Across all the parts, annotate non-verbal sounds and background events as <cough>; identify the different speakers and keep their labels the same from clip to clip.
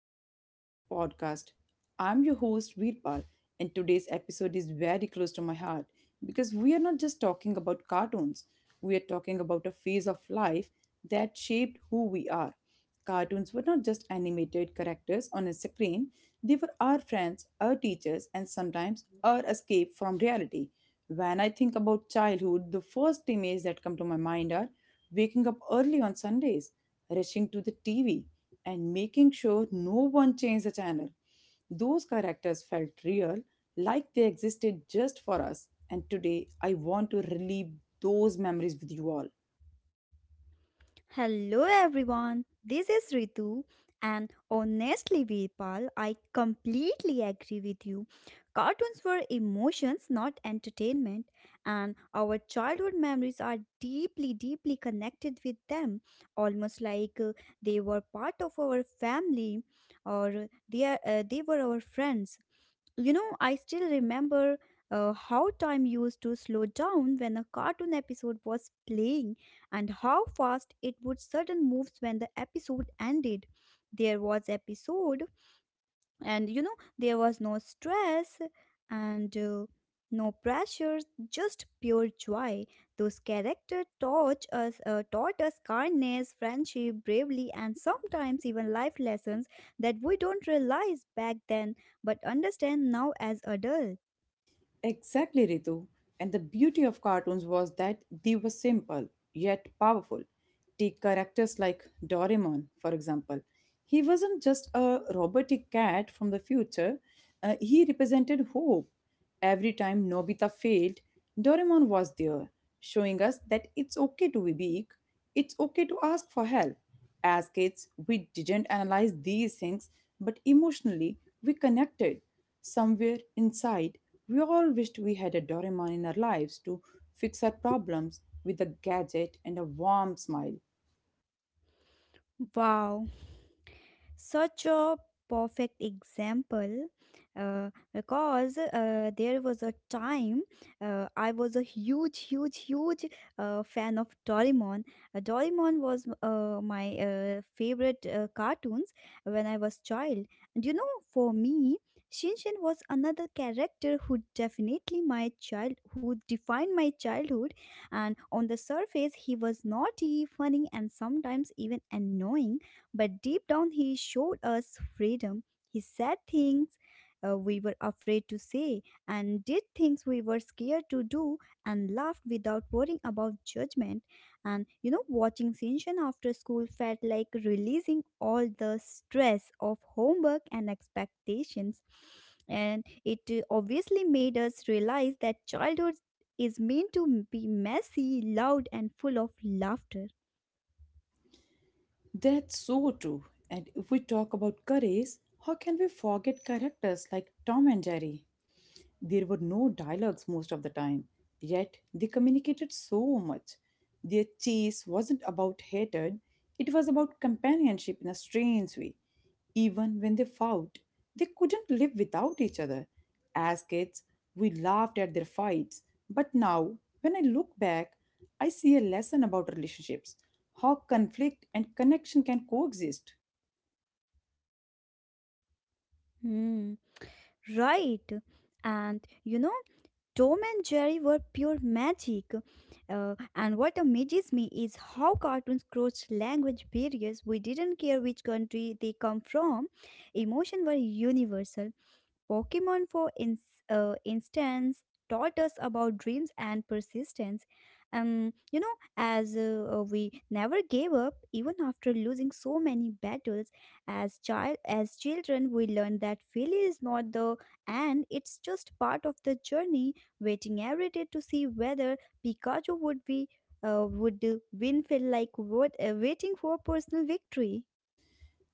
Speaker 1: welcome back to the podcast. I'm your host, Veerpal, and today's episode is very close to my heart because we are not just talking about cartoons, we are talking about a phase of life that shaped who we are. Cartoons were not just animated characters on a screen, they were our friends, our teachers, and sometimes our escape from reality. When I think about childhood, the first images that come to my mind are waking up early on Sundays rushing to the TV, and making sure no one changed the channel. Those characters felt real, like they existed just for us. And today, I want to relive those memories with you all.
Speaker 2: Hello everyone, this is Ritu, and honestly, Veerpal, I completely agree with you. Cartoons were emotions, not entertainment, and our childhood memories are deeply, deeply connected with them, almost like they were part of our family or they were our friends. You know, I still remember how time used to slow down when a cartoon episode was playing and how fast it would sudden moves when the episode ended. There was episode, and you know there was no stress and no pressure, just pure joy. Those characters taught us kindness, friendship, bravery, and sometimes even life lessons that we don't realize back then but understand now as adults.
Speaker 1: Exactly, Ritu. And the beauty of cartoons was that they were simple, yet powerful. Take characters like Doraemon, for example. He wasn't just a robotic cat from the future, he represented hope. Every time Nobita failed, Doraemon was there, showing us that it's okay to be weak, it's okay to ask for help. As kids, we didn't analyze these things, but emotionally, we connected. Somewhere inside, we all wished we had a Doraemon in our lives to fix our problems with a gadget and a warm smile.
Speaker 2: Wow, such a perfect example. Because there was a time, I was a huge fan of Doraemon. Doraemon was my favorite cartoons when I was child. And you know, for me, Shinshin was another character who definitely my child who defined my childhood, and on the surface he was naughty, funny, and sometimes even annoying, but deep down, he showed us freedom. He said things we were afraid to say and did things we were scared to do and laughed without worrying about judgment. And you know, watching Shinshan after school felt like releasing all the stress of homework and expectations. And it obviously made us realize that childhood is meant to be messy, loud, and full of laughter.
Speaker 1: That's so true. And if we talk about courage, how can we forget characters like Tom and Jerry? There were no dialogues most of the time, yet they communicated so much. Their chase wasn't about hatred, it was about companionship in a strange way. Even when they fought, they couldn't live without each other. As kids, we laughed at their fights, but now, when I look back, I see a lesson about relationships, how conflict and connection can coexist.
Speaker 2: Hmm. Right. And you know, Tom and Jerry were pure magic. And what amazes me is how cartoons crossed language barriers. We didn't care which country they come from, emotions were universal. Pokemon, for instance, taught us about dreams and persistence. You know, as we never gave up even after losing so many battles. As children, we learned that failure is not the end; it's just part of the journey. Waiting every day to see whether Pikachu would win felt like waiting for a personal victory.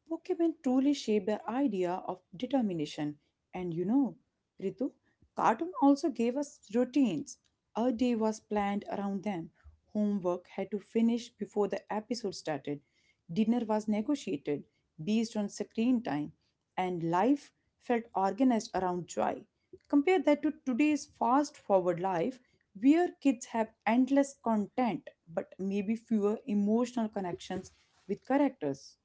Speaker 1: Pokemon truly shaped the idea of determination. And you know, Ritu, cartoon also gave us routines. Our day was planned around them. Homework had to finish before the episode started. Dinner was negotiated based on screen time. And life felt organized around joy. Compare that to today's fast forward life, where kids have endless content but maybe fewer emotional connections with characters.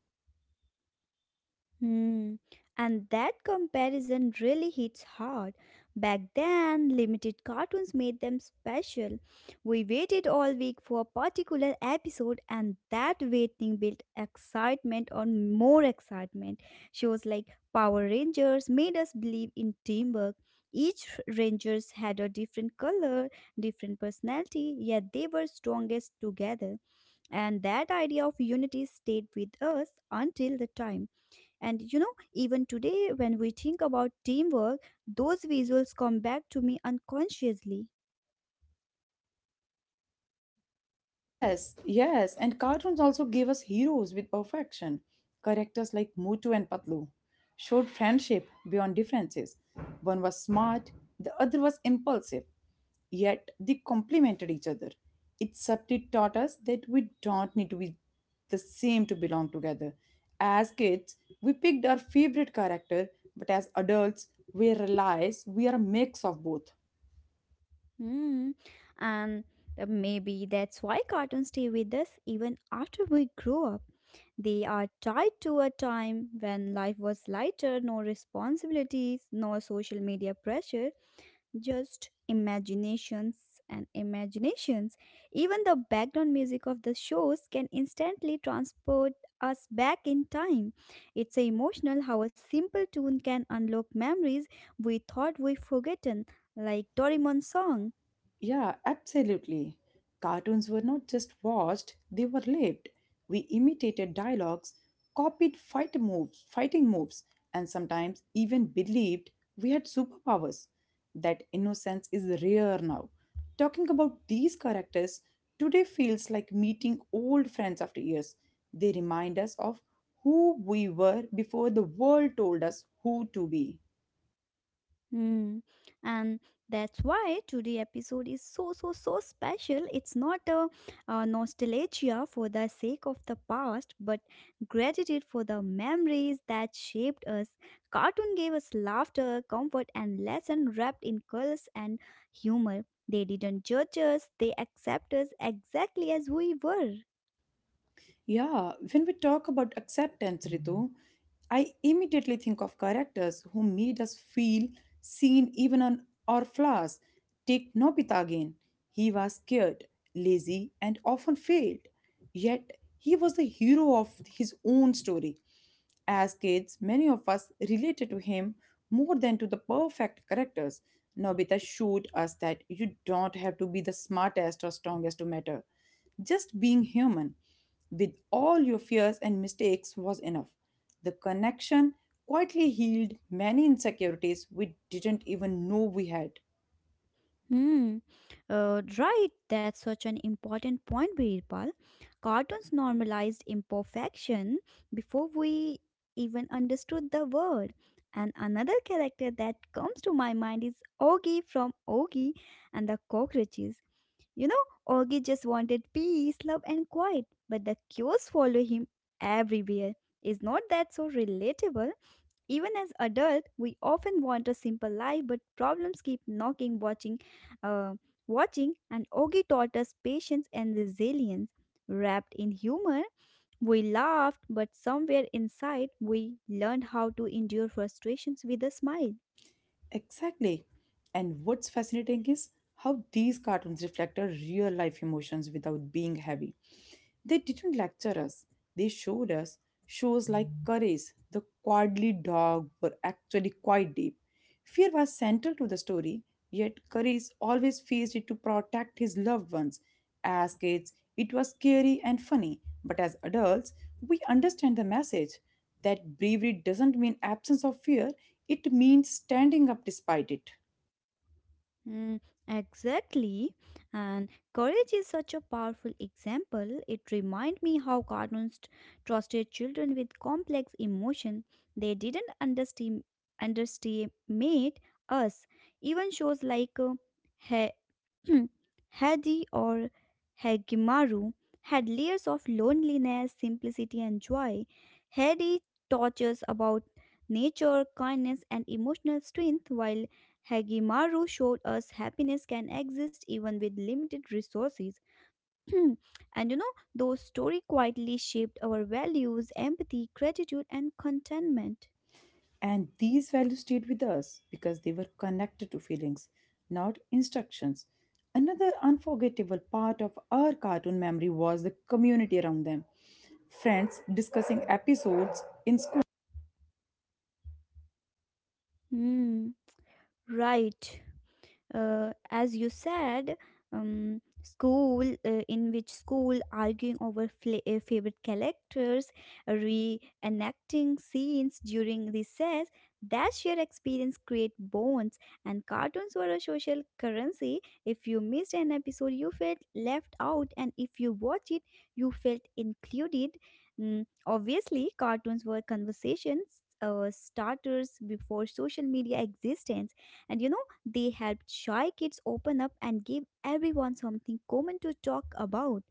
Speaker 2: Hmm. And that comparison really hits hard. Back then, limited cartoons made them special. We waited all week for a particular episode, and that waiting built excitement on more excitement. Shows like Power Rangers made us believe in teamwork. Each Rangers had a different color, different personality, yet they were strongest together. And that idea of unity stayed with us until the time, and you know, even today, when we think about teamwork, those visuals come back to me unconsciously.
Speaker 1: Yes, yes, and cartoons also gave us heroes with perfection. Characters like Mutu and Patlu showed friendship beyond differences. One was smart, the other was impulsive, yet they complemented each other. It subtly taught us that we don't need to be the same to belong together. As kids, we picked our favorite character, but as adults, we realize we are a mix of both.
Speaker 2: Hmm. And maybe that's why cartoons stay with us even after we grow up. They are tied to a time when life was lighter, no responsibilities, no social media pressure, just imaginations and imaginations. Even the background music of the shows can instantly transport us back in time. It's emotional how a simple tune can unlock memories we thought we forgotten, like Doraemon's song.
Speaker 1: Yeah, absolutely. Cartoons were not just watched, they were lived. We imitated dialogues, fighting moves, and sometimes even believed we had superpowers. That innocence is rare now. Talking about these characters today feels like meeting old friends after years. They remind us of who we were before the world told us who to be.
Speaker 2: Hmm. And that's why today episode is so so so special. It's not nostalgia for the sake of the past, but gratitude for the memories that shaped us. Cartoon gave us laughter, comfort, and lesson wrapped in colors and humor. They didn't judge us; they accept us exactly as we were.
Speaker 1: Yeah, when we talk about acceptance, Ritu, I immediately think of characters who made us feel seen even on our flaws. Take Nobita again. He was scared, lazy, and often failed. Yet he was the hero of his own story. As kids, many of us related to him more than to the perfect characters. Nobita showed us that you don't have to be the smartest or strongest to matter. Just being human with all your fears and mistakes was enough. The connection quietly healed many insecurities we didn't even know we had.
Speaker 2: Hmm. Right. That's such an important point, Veerpal. Cartoons normalized imperfection before we even understood the word. And another character that comes to my mind is Augie from Augie and the Cockroaches. You know, Augie just wanted peace, love, and quiet, but the cues follow him everywhere. Is not that so relatable? Even as adults, we often want a simple life, but problems keep uh, watching, and Ogi taught us patience and resilience. Wrapped in humor, we laughed, but somewhere inside, we learned how to endure frustrations with a smile.
Speaker 1: Exactly. And what's fascinating is how these cartoons reflect our real life emotions without being heavy. They didn't lecture us. They showed us shows like Courage, The Cowardly Dog were actually quite deep. Fear was central to the story, yet Courage always faced it to protect his loved ones. As kids, it was scary and funny, but as adults, we understand the message that bravery doesn't mean absence of fear, it means standing up despite it.
Speaker 2: Mm, exactly. And courage is such a powerful example. It reminds me how cartoons trusted children with complex emotion. They didn't underestimate us. Even shows like uh, <clears throat> Hadi or Hagimaru had layers of loneliness, simplicity, and joy. Hadi touches about nature, kindness, and emotional strength, while Hagimaru showed us happiness can exist even with limited resources. <clears throat> And you know, those story quietly shaped our values, empathy, gratitude, and contentment.
Speaker 1: And these values stayed with us because they were connected to feelings, not instructions. Another unforgettable part of our cartoon memory was the community around them. Friends discussing episodes in school.
Speaker 2: Hmm, right. As you said, school in which school arguing over favorite characters, reenacting scenes during recess, that shared experience create bonds, and cartoons were a social currency. If you missed an episode you felt left out, and if you watched it you felt included. Mm, obviously cartoons were conversations starters before social media existence, and you know they helped shy kids open up and give everyone something common to talk about.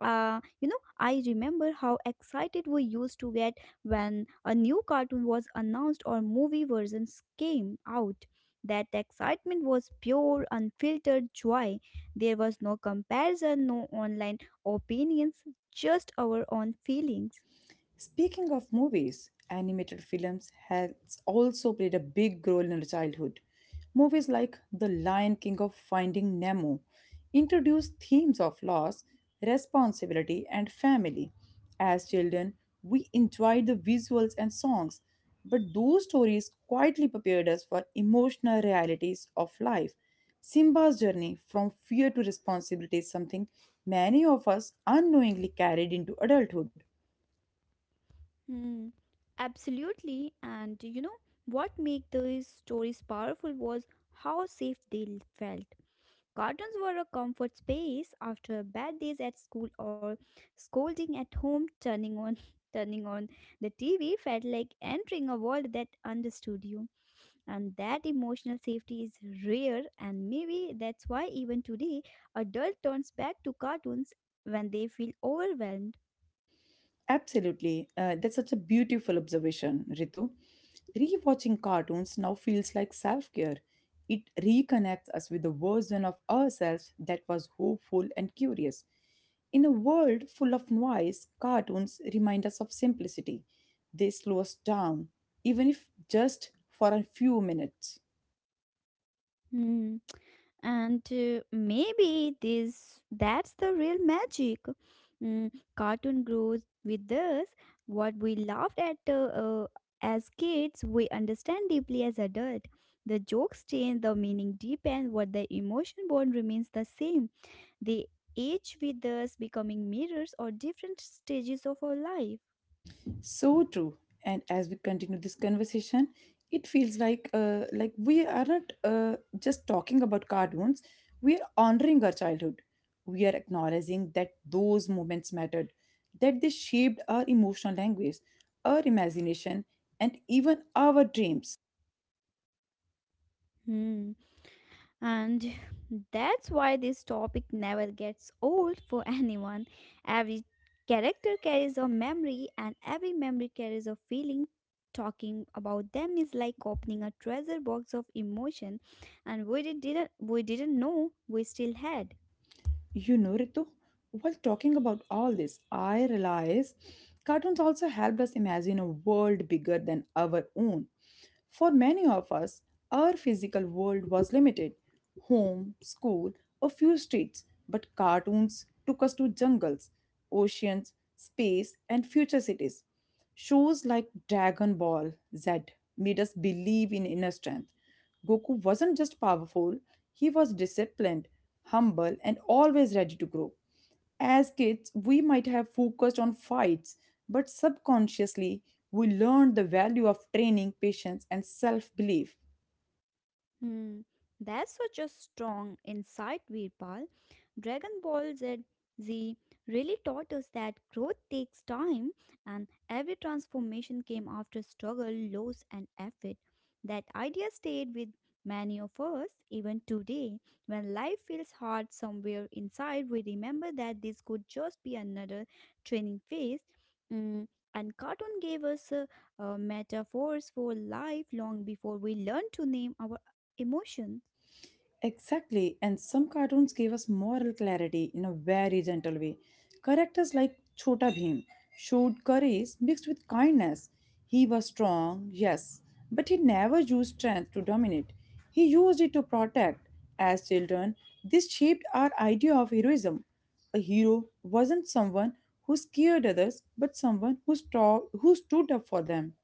Speaker 2: You know, I remember how excited we used to get when a new cartoon was announced or movie versions came out. That excitement was pure, unfiltered joy. There was no comparison, no online opinions, just our own feelings.
Speaker 1: Speaking of movies, animated films has also played a big role in our childhood. Movies like The Lion King of Finding Nemo introduced themes of loss, responsibility, and family. As children, we enjoyed the visuals and songs, but those stories quietly prepared us for emotional realities of life. Simba's journey from fear to responsibility is something many of us unknowingly carried into adulthood.
Speaker 2: Hmm, absolutely. And you know what made these stories powerful was how safe they felt. Cartoons were a comfort space after bad days at school or scolding at home. <laughs> Turning on the TV felt like entering a world that understood you, and that emotional safety is rare. And maybe that's why even today, adult turns back to cartoons when they feel overwhelmed.
Speaker 1: Absolutely. That's such a beautiful observation, Ritu. Rewatching cartoons now feels like self care. It reconnects us with the version of ourselves that was hopeful and curious. In a world full of noise, cartoons remind us of simplicity. They slow us down, even if just for a few minutes.
Speaker 2: Hmm. And maybe this that's the real magic. Mm, cartoon grows with us. What we laughed at as kids, we understand deeply as adults. The jokes change, the meaning deepens, what the emotion bond remains the same. They age with us, becoming mirrors or different stages of our life.
Speaker 1: So true. And as we continue this conversation, it feels like we aren't just talking about cartoons. We are honoring our childhood. We are acknowledging that those moments mattered, that they shaped our emotional language, our imagination, and even our dreams.
Speaker 2: Hmm. And that's why this topic never gets old for anyone. Every character carries a memory, and every memory carries a feeling. Talking about them is like opening a treasure box of emotion, and we didn't know we still had.
Speaker 1: You know, Ritu, while talking about all this, I realize cartoons also helped us imagine a world bigger than our own. For many of us, our physical world was limited, home, school, a few streets, but cartoons took us to jungles, oceans, space, and future cities. Shows like Dragon Ball Z made us believe in inner strength. Goku wasn't just powerful, he was disciplined, humble, and always ready to grow. As kids, we might have focused on fights, but subconsciously, we learned the value of training, patience, and self belief.
Speaker 2: Hmm, that's such a strong insight, Virpal. Dragon Ball Z really taught us that growth takes time and every transformation came after struggle, loss, and effort. That idea stayed with many of us even today. When life feels hard somewhere inside, we remember that this could just be another training phase. Mm, and cartoon gave us a metaphors for life long before we learned to name our emotions.
Speaker 1: Exactly, and some cartoons gave us moral clarity in a very gentle way. Characters like Chota Bhim showed courage mixed with kindness. He was strong, yes, but he never used strength to dominate. He used it to protect. As children, this shaped our idea of heroism. A hero wasn't someone who scared others, but someone who who stood up for them.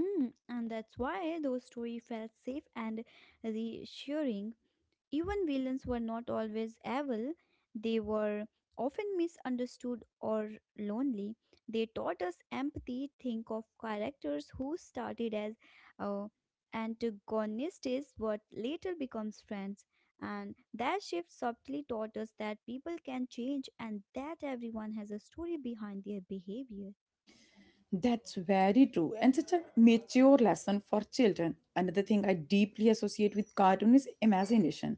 Speaker 2: Hmm, and that's why those stories felt safe and reassuring. Even villains were not always evil, they were often misunderstood or lonely. They taught us empathy. Think of characters who started as uh, antagonists but later becomes friends. And that shift subtly taught us that people can change and that everyone has a story behind their behavior.
Speaker 1: That's very true, and such a mature lesson for children. Another thing I deeply associate with cartoon is imagination.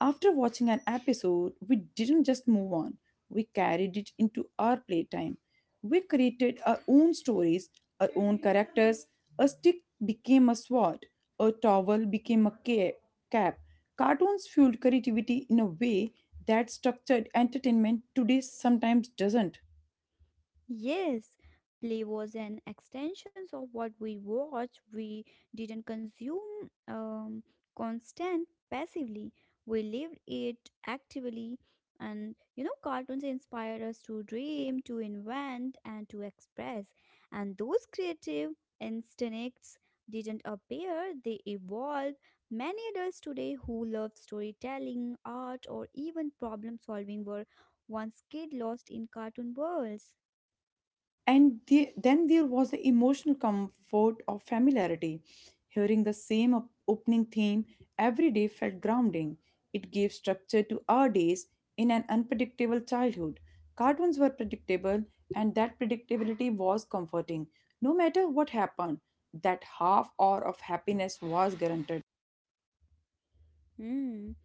Speaker 1: After watching an episode, we didn't just move on, we carried it into our playtime. We created our own stories, our own characters. A stick became a sword, a towel became a cap. Cartoons fueled creativity in a way that structured entertainment today sometimes doesn't.
Speaker 2: Yes, play was an extension of what we watched. We didn't consume constant passively. We lived it actively. And you know, cartoons inspired us to dream, to invent, and to express. And those creative instincts didn't appear, they evolved. Many adults today who love storytelling, art, or even problem solving were once kid lost in cartoon worlds.
Speaker 1: And then there was the emotional comfort of familiarity. Hearing the same opening theme every day felt grounding. It gave structure to our days in an unpredictable childhood. Cartoons were predictable, and that predictability was comforting. No matter what happened, that half hour of happiness was guaranteed.
Speaker 2: Mm,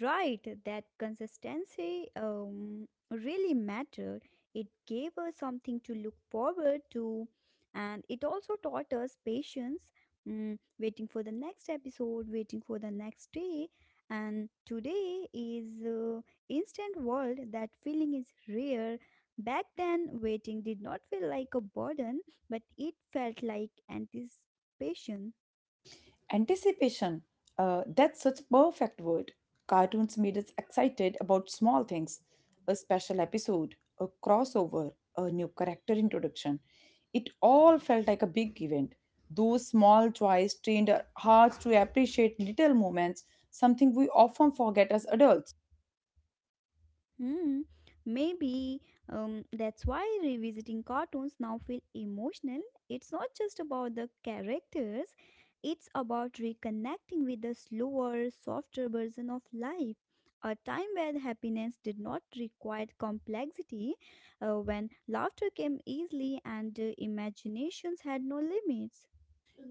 Speaker 2: right, that consistency really mattered. It gave us something to look forward to, and it also taught us patience, mm, waiting for the next episode, waiting for the next day. And today is instant world. That feeling is rare. Back then, waiting did not feel like a burden, but it felt like anticipation.
Speaker 1: Anticipation. That's such a perfect word. Cartoons made us excited about small things, a special episode, a crossover, a new character introduction. It all felt like a big event. Those small joys trained our hearts to appreciate little moments, something we often forget as adults.
Speaker 2: Hmm, maybe that's why revisiting cartoons now feel emotional. It's not just about the characters, it's about reconnecting with the slower, softer version of life. A time where happiness did not require complexity, when laughter came easily and imaginations had no limits.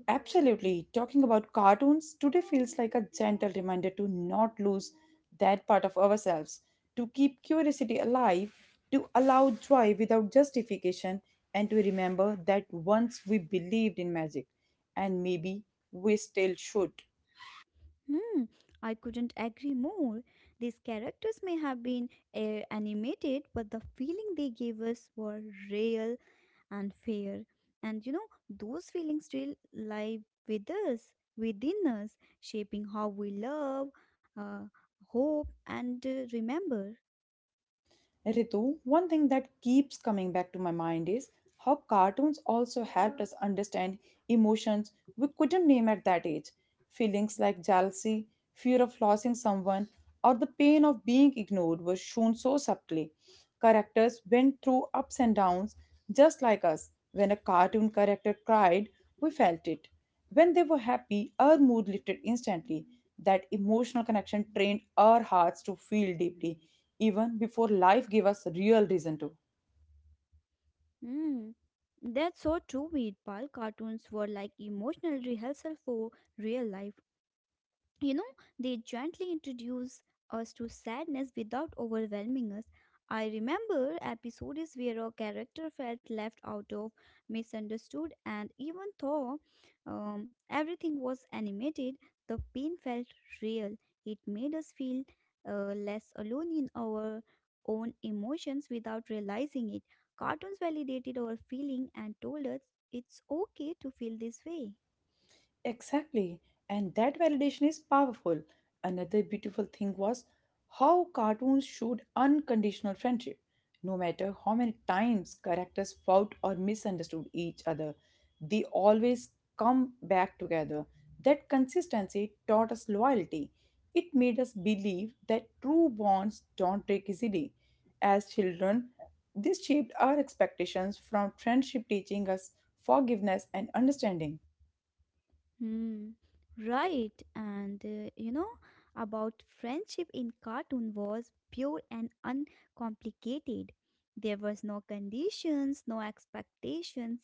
Speaker 1: Absolutely. Talking about cartoons, today feels like a gentle reminder to not lose that part of ourselves, to keep curiosity alive, to allow joy without justification, and to remember that once we believed in magic, and maybe we still should.
Speaker 2: Hmm, I couldn't agree more. These characters may have been animated, but the feeling they gave us were real and fair. And you know, those feelings still live with us, within us, shaping how we love, uh, hope, and remember.
Speaker 1: Ritu, one thing that keeps coming back to my mind is how cartoons also helped us understand emotions we couldn't name at that age. Feelings like jealousy, fear of losing someone, or the pain of being ignored were shown so subtly. Characters went through ups and downs just like us. When a cartoon character cried, we felt it. When they were happy, our mood lifted instantly. That emotional connection trained our hearts to feel deeply, even before life gave us real reason to.
Speaker 2: Hmm. That's so true, Veerpal. Cartoons were like emotional rehearsal for real life. You know, they gently introduce us to sadness without overwhelming us. I remember episodes where a character felt left out of, misunderstood, and even though everything was animated, the pain felt real. It made us feel less alone in our own emotions without realizing it. Cartoons validated our feeling and told us it's okay to feel this way.
Speaker 1: Exactly. And that validation is powerful. Another beautiful thing was how cartoons showed unconditional friendship. No matter how many times characters fought or misunderstood each other, they always come back together. That consistency taught us loyalty. It made us believe that true bonds don't break easily. As children, this shaped our expectations from friendship, teaching us forgiveness and understanding.
Speaker 2: Hmm, right. And you know, about friendship in cartoon was pure and uncomplicated. There was no conditions, no expectations,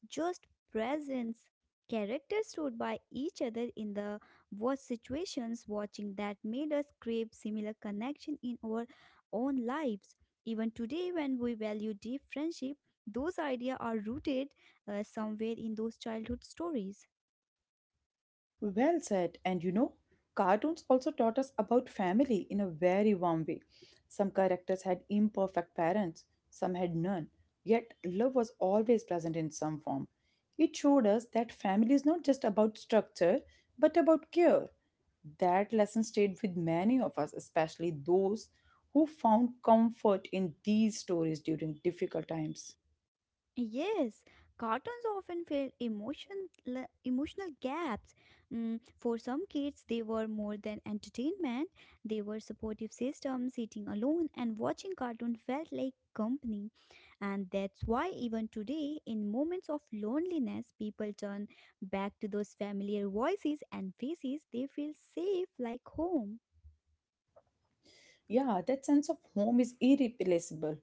Speaker 2: just presence. Characters stood by each other in the worst situations, watching that made us crave similar connection in our own lives. Even today, when we value deep friendship, those ideas are rooted somewhere in those childhood stories.
Speaker 1: Well said. And you know, cartoons also taught us about family in a very warm way. Some characters had imperfect parents, some had none, yet love was always present in some form. It showed us that family is not just about structure, but about care. That lesson stayed with many of us, especially those who found comfort in these stories during difficult times.
Speaker 2: Yes, cartoons often fill emotional gaps. Mm, for some kids, they were more than entertainment. They were supportive systems, sitting alone and watching cartoon felt like company. And that's why even today, in moments of loneliness, people turn back to those familiar voices and faces. They feel safe like home.
Speaker 1: Yeah, that sense of home is irreplaceable.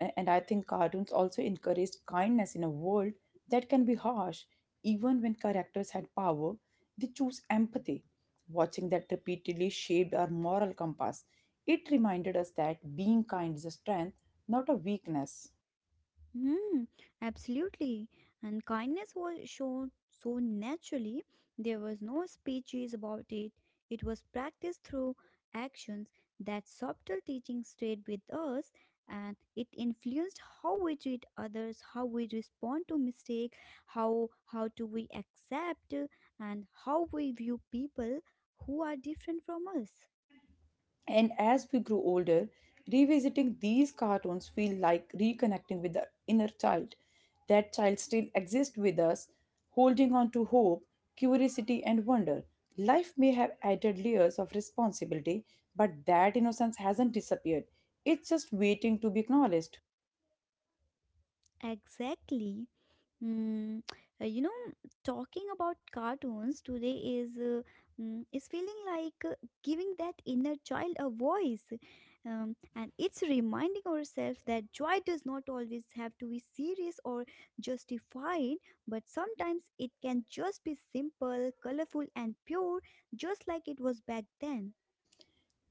Speaker 1: And I think cartoons also encouraged kindness in a world that can be harsh. Even when characters had power, they chose empathy. Watching that repeatedly shaped our moral compass. It reminded us that being kind is a strength, not a weakness.
Speaker 2: Hmm, absolutely. And kindness was shown so naturally. There was no speeches about it. It was practiced through actions. That subtle teaching stayed with us, and it influenced how we treat others, how we respond to mistake, how do we accept, and how we view people who are different from us.
Speaker 1: And as we grow older, revisiting these cartoons feel like reconnecting with the inner child. That child still exists with us, holding on to hope, curiosity, and wonder. Life may have added layers of responsibility, but that innocence hasn't disappeared. It's just waiting to be acknowledged.
Speaker 2: Exactly. Mm, uh, you know, Talking about cartoons today is is feeling like giving that inner child a voice, and it's reminding ourselves that joy does not always have to be serious or justified, but sometimes it can just be simple, colorful, and pure, just like it was back then.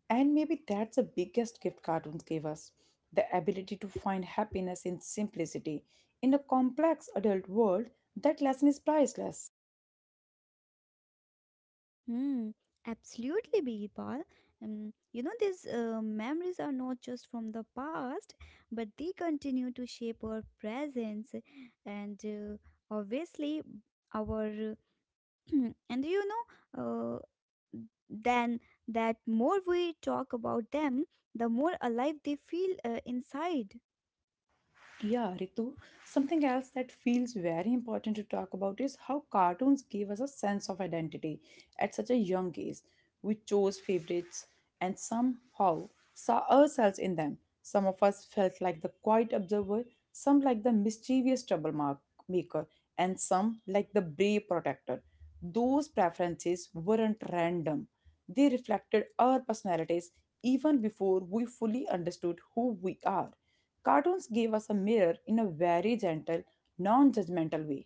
Speaker 1: And maybe that's the biggest gift cartoons gave us, the ability to find happiness in simplicity. In a complex adult world, that lesson is priceless.
Speaker 2: Hmm, absolutely, Bipal. You know, these memories are not just from the past, but they continue to shape our presence, and obviously, our uh, <clears throat> and you know, uh, then that more we talk about them, the more alive they feel inside.
Speaker 1: Yeah, Ritu. Something else that feels very important to talk about is how cartoons gave us a sense of identity at such a young age. We chose favorites and somehow saw ourselves in them. Some of us felt like the quiet observer, some like the mischievous troublemaker, and some like the brave protector. Those preferences weren't random, they reflected our personalities even before we fully understood who we are. Cartoons gave us a mirror in a very gentle, non judgmental way.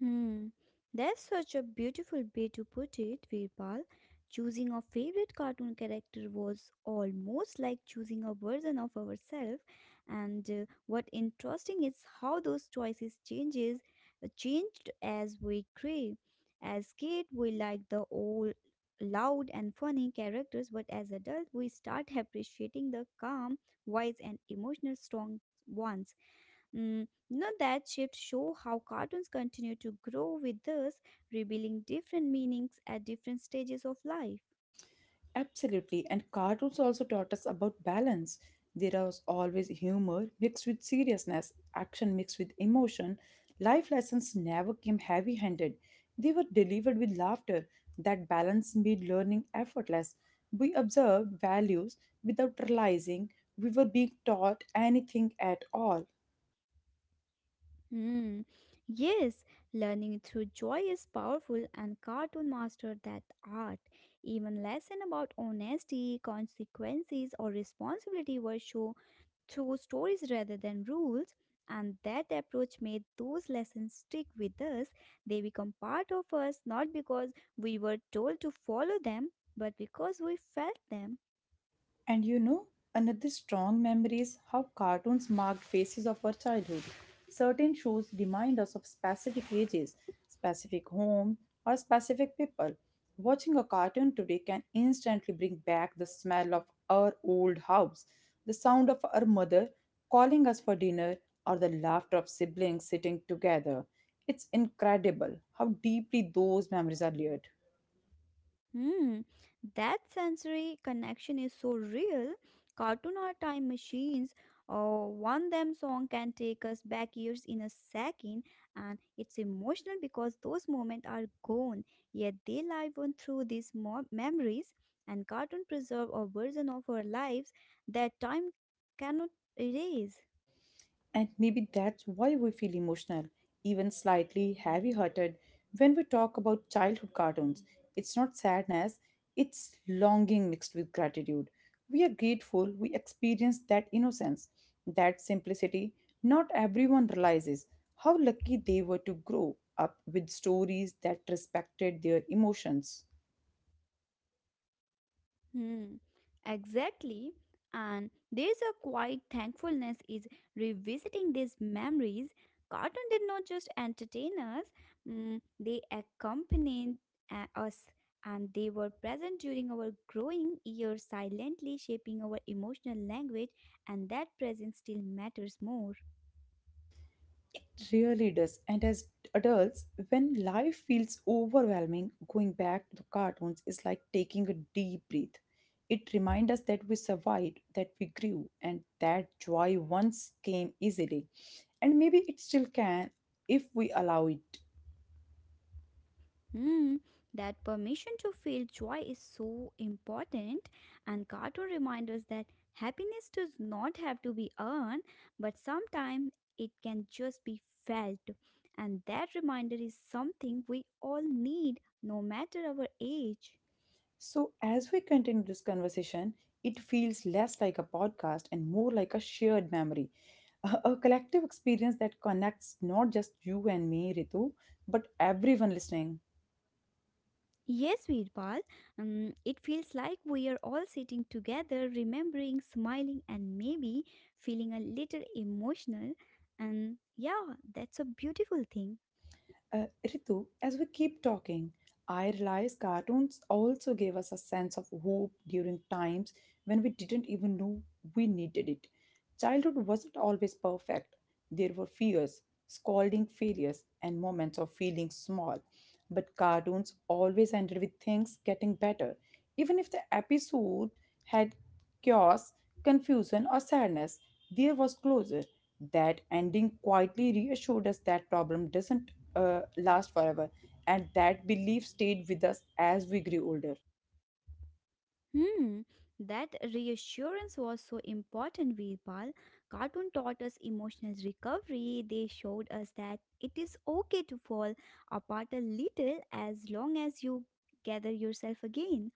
Speaker 2: Hmm, that's such a beautiful way to put it, Virpal. Choosing a favorite cartoon character was almost like choosing a version of ourselves. And what interesting is how those choices changes changed as we grew. As kid, we liked the old, loud and funny characters, but as adult, we start appreciating the calm, wise, and emotional strong ones. Mm, you know that shift show how cartoons continue to grow with us, revealing different meanings at different stages of life.
Speaker 1: Absolutely, and cartoons also taught us about balance. There was always humor mixed with seriousness, action mixed with emotion. Life lessons never came heavy handed, they were delivered with laughter. That balance made learning effortless. We observed values without realizing we were being taught anything at all.
Speaker 2: Hmm. Yes, learning through joy is powerful, and cartoon mastered that art. Even lesson about honesty, consequences, or responsibility were shown through stories rather than rules. And that approach made those lessons stick with us. They become part of us not because we were told to follow them, but because we felt them.
Speaker 1: And you know, another strong memory is how cartoons marked phases of our childhood. Certain shows remind us of specific ages, specific home, or specific people. Watching a cartoon today can instantly bring back the smell of our old house, the sound of our mother calling us for dinner, or the laughter of siblings sitting together. It's incredible how deeply those memories are layered.
Speaker 2: Hmm, that sensory connection is so real. Cartoon or time machines, or one them song can take us back years in a second, and it's emotional because those moments are gone, yet they live on through these memories. And cartoon preserve a version of our lives that time cannot erase.
Speaker 1: And maybe that's why we feel emotional, even slightly heavy hearted, when we talk about childhood cartoons. It's not sadness, it's longing mixed with gratitude. We are grateful we experienced that innocence, that simplicity. Not everyone realizes how lucky they were to grow up with stories that respected their emotions.
Speaker 2: Hmm, exactly. And there's a quiet thankfulness is revisiting these memories. Cartoon did not just entertain us. Mm, they accompanied us, and they were present during our growing years, silently shaping our emotional language, and that presence still matters more.
Speaker 1: It really does. And as adults, when life feels overwhelming, going back to the cartoons is like taking a deep breath. It reminds us that we survived, that we grew, and that joy once came easily. And maybe it still can if we allow it.
Speaker 2: Hmm, that permission to feel joy is so important, and cartoon reminds us that happiness does not have to be earned, but sometimes it can just be felt. And that reminder is something we all need, no matter our age.
Speaker 1: So, as we continue this conversation, it feels less like a podcast and more like a shared memory, a collective experience that connects not just you and me, Ritu, but everyone listening.
Speaker 2: Yes, Veerpal, it feels like we are all sitting together, remembering, smiling, and maybe feeling a little emotional. And yeah, that's a beautiful thing.
Speaker 1: Ritu, as we keep talking, I realize cartoons also gave us a sense of hope during times when we didn't even know we needed it. Childhood wasn't always perfect. There were fears, scolding failures, and moments of feeling small. But cartoons always ended with things getting better, even if the episode had chaos, confusion, or sadness, there was closure. That ending quietly reassured us that problem doesn't last forever, and that belief stayed with us as we grew older.
Speaker 2: Hmm, that reassurance was so important, Veerpal. Cartoon taught us emotional recovery. They showed us that it is okay to fall apart a little as long as you gather yourself again.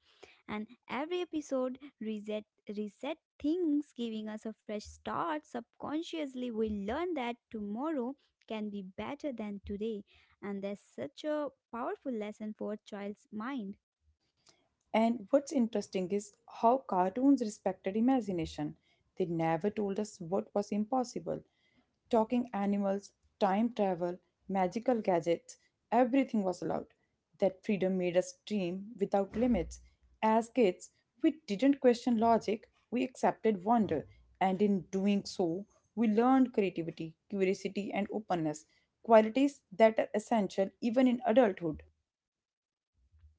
Speaker 2: And every episode reset things, giving us a fresh start. Subconsciously, we learn that tomorrow can be better than today, and that's such a powerful lesson for a child's mind.
Speaker 1: And what's interesting is how cartoons respected imagination. They never told us what was impossible. Talking animals, time travel, magical gadgets, everything was allowed. That freedom made us dream without limits. As kids, we didn't question logic, we accepted wonder, and in doing so, we learned creativity, curiosity, and openness, qualities that are essential even in adulthood.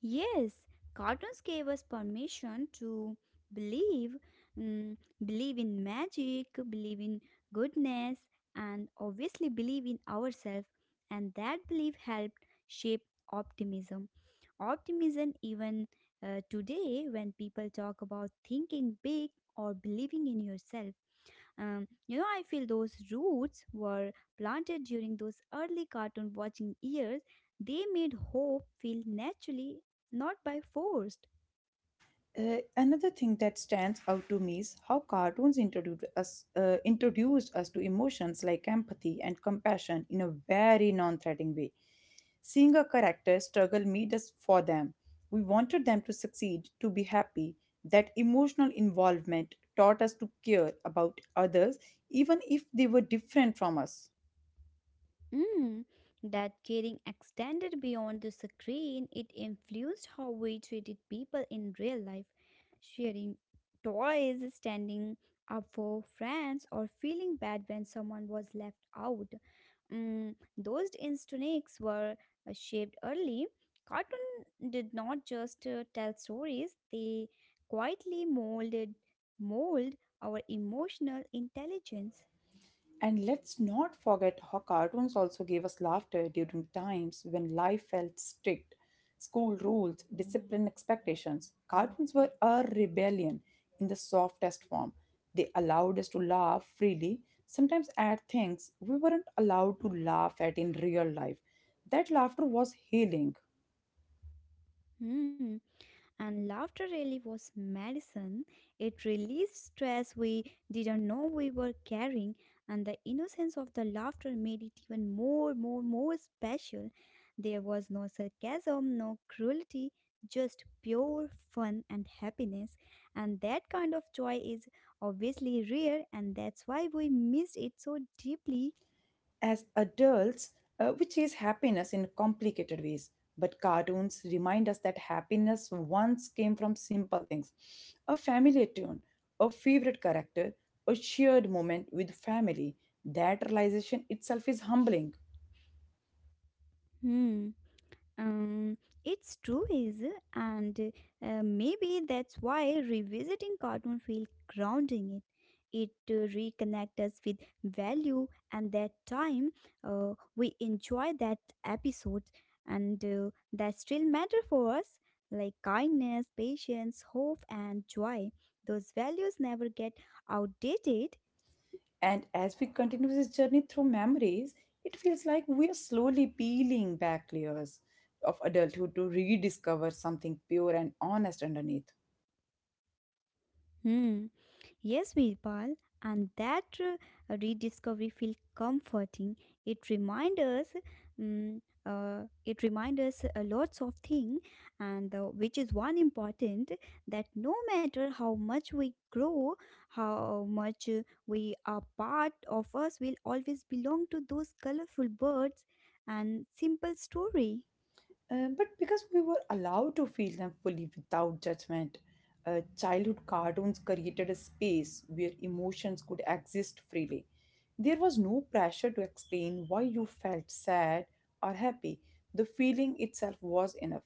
Speaker 2: Yes, cartoons gave us permission to believe, mm, believe in magic, believe in goodness, and obviously believe in ourselves. And that belief helped shape optimism. Even today, when people talk about thinking big or believing in yourself. You know, I feel those roots were planted during those early cartoon watching years. They made hope feel naturally, not by force.
Speaker 1: Another thing that stands out to me is how cartoons introduced us to emotions like empathy and compassion in a very non-threatening way. Seeing a character struggle made us for them. We wanted them to succeed, to be happy. That emotional involvement taught us to care about others, even if they were different from us.
Speaker 2: Mm, that caring extended beyond the screen. It influenced how we treated people in real life. Sharing toys, standing up for friends, or feeling bad when someone was left out. Mm, those instincts were shaped early. Cartoon did not just tell stories, they quietly molded mold our emotional intelligence.
Speaker 1: And let's not forget how cartoons also gave us laughter during times when life felt strict. School rules, discipline expectations. Cartoons were a rebellion in the softest form. They allowed us to laugh freely, sometimes at things we weren't allowed to laugh at in real life. That laughter was healing.
Speaker 2: Hmm. And laughter really was medicine. It released stress we didn't know we were carrying, and the innocence of the laughter made it even more special. There was no sarcasm, no cruelty, just pure fun and happiness. And that kind of joy is obviously rare, and that's why we missed it so deeply.
Speaker 1: As adults, which is happiness in complicated ways. But cartoons remind us that happiness once came from simple things a familiar tune, a favorite character, a shared moment with family. That realization itself is humbling.
Speaker 2: Hmm. Um, it's true, is it? And maybe that's why revisiting cartoon feels grounding. It reconnect us with value and that time we enjoy that episode, and that still matter for us like kindness, patience, hope, and joy. Those values never get outdated.
Speaker 1: And as we continue this journey through memories, it feels like we are slowly peeling back layers of adulthood to rediscover something pure and honest underneath.
Speaker 2: Hmm. Yes, Virpal, and that rediscovery feels comforting. It reminds us, lots of things, and which is one important that no matter how much we grow, how much we are part of us will always belong to those colorful birds and simple story.
Speaker 1: But because we were allowed to feel them fully without judgment, childhood cartoons created a space where emotions could exist freely. There was no pressure to explain why you felt sad or happy. The feeling itself was enough.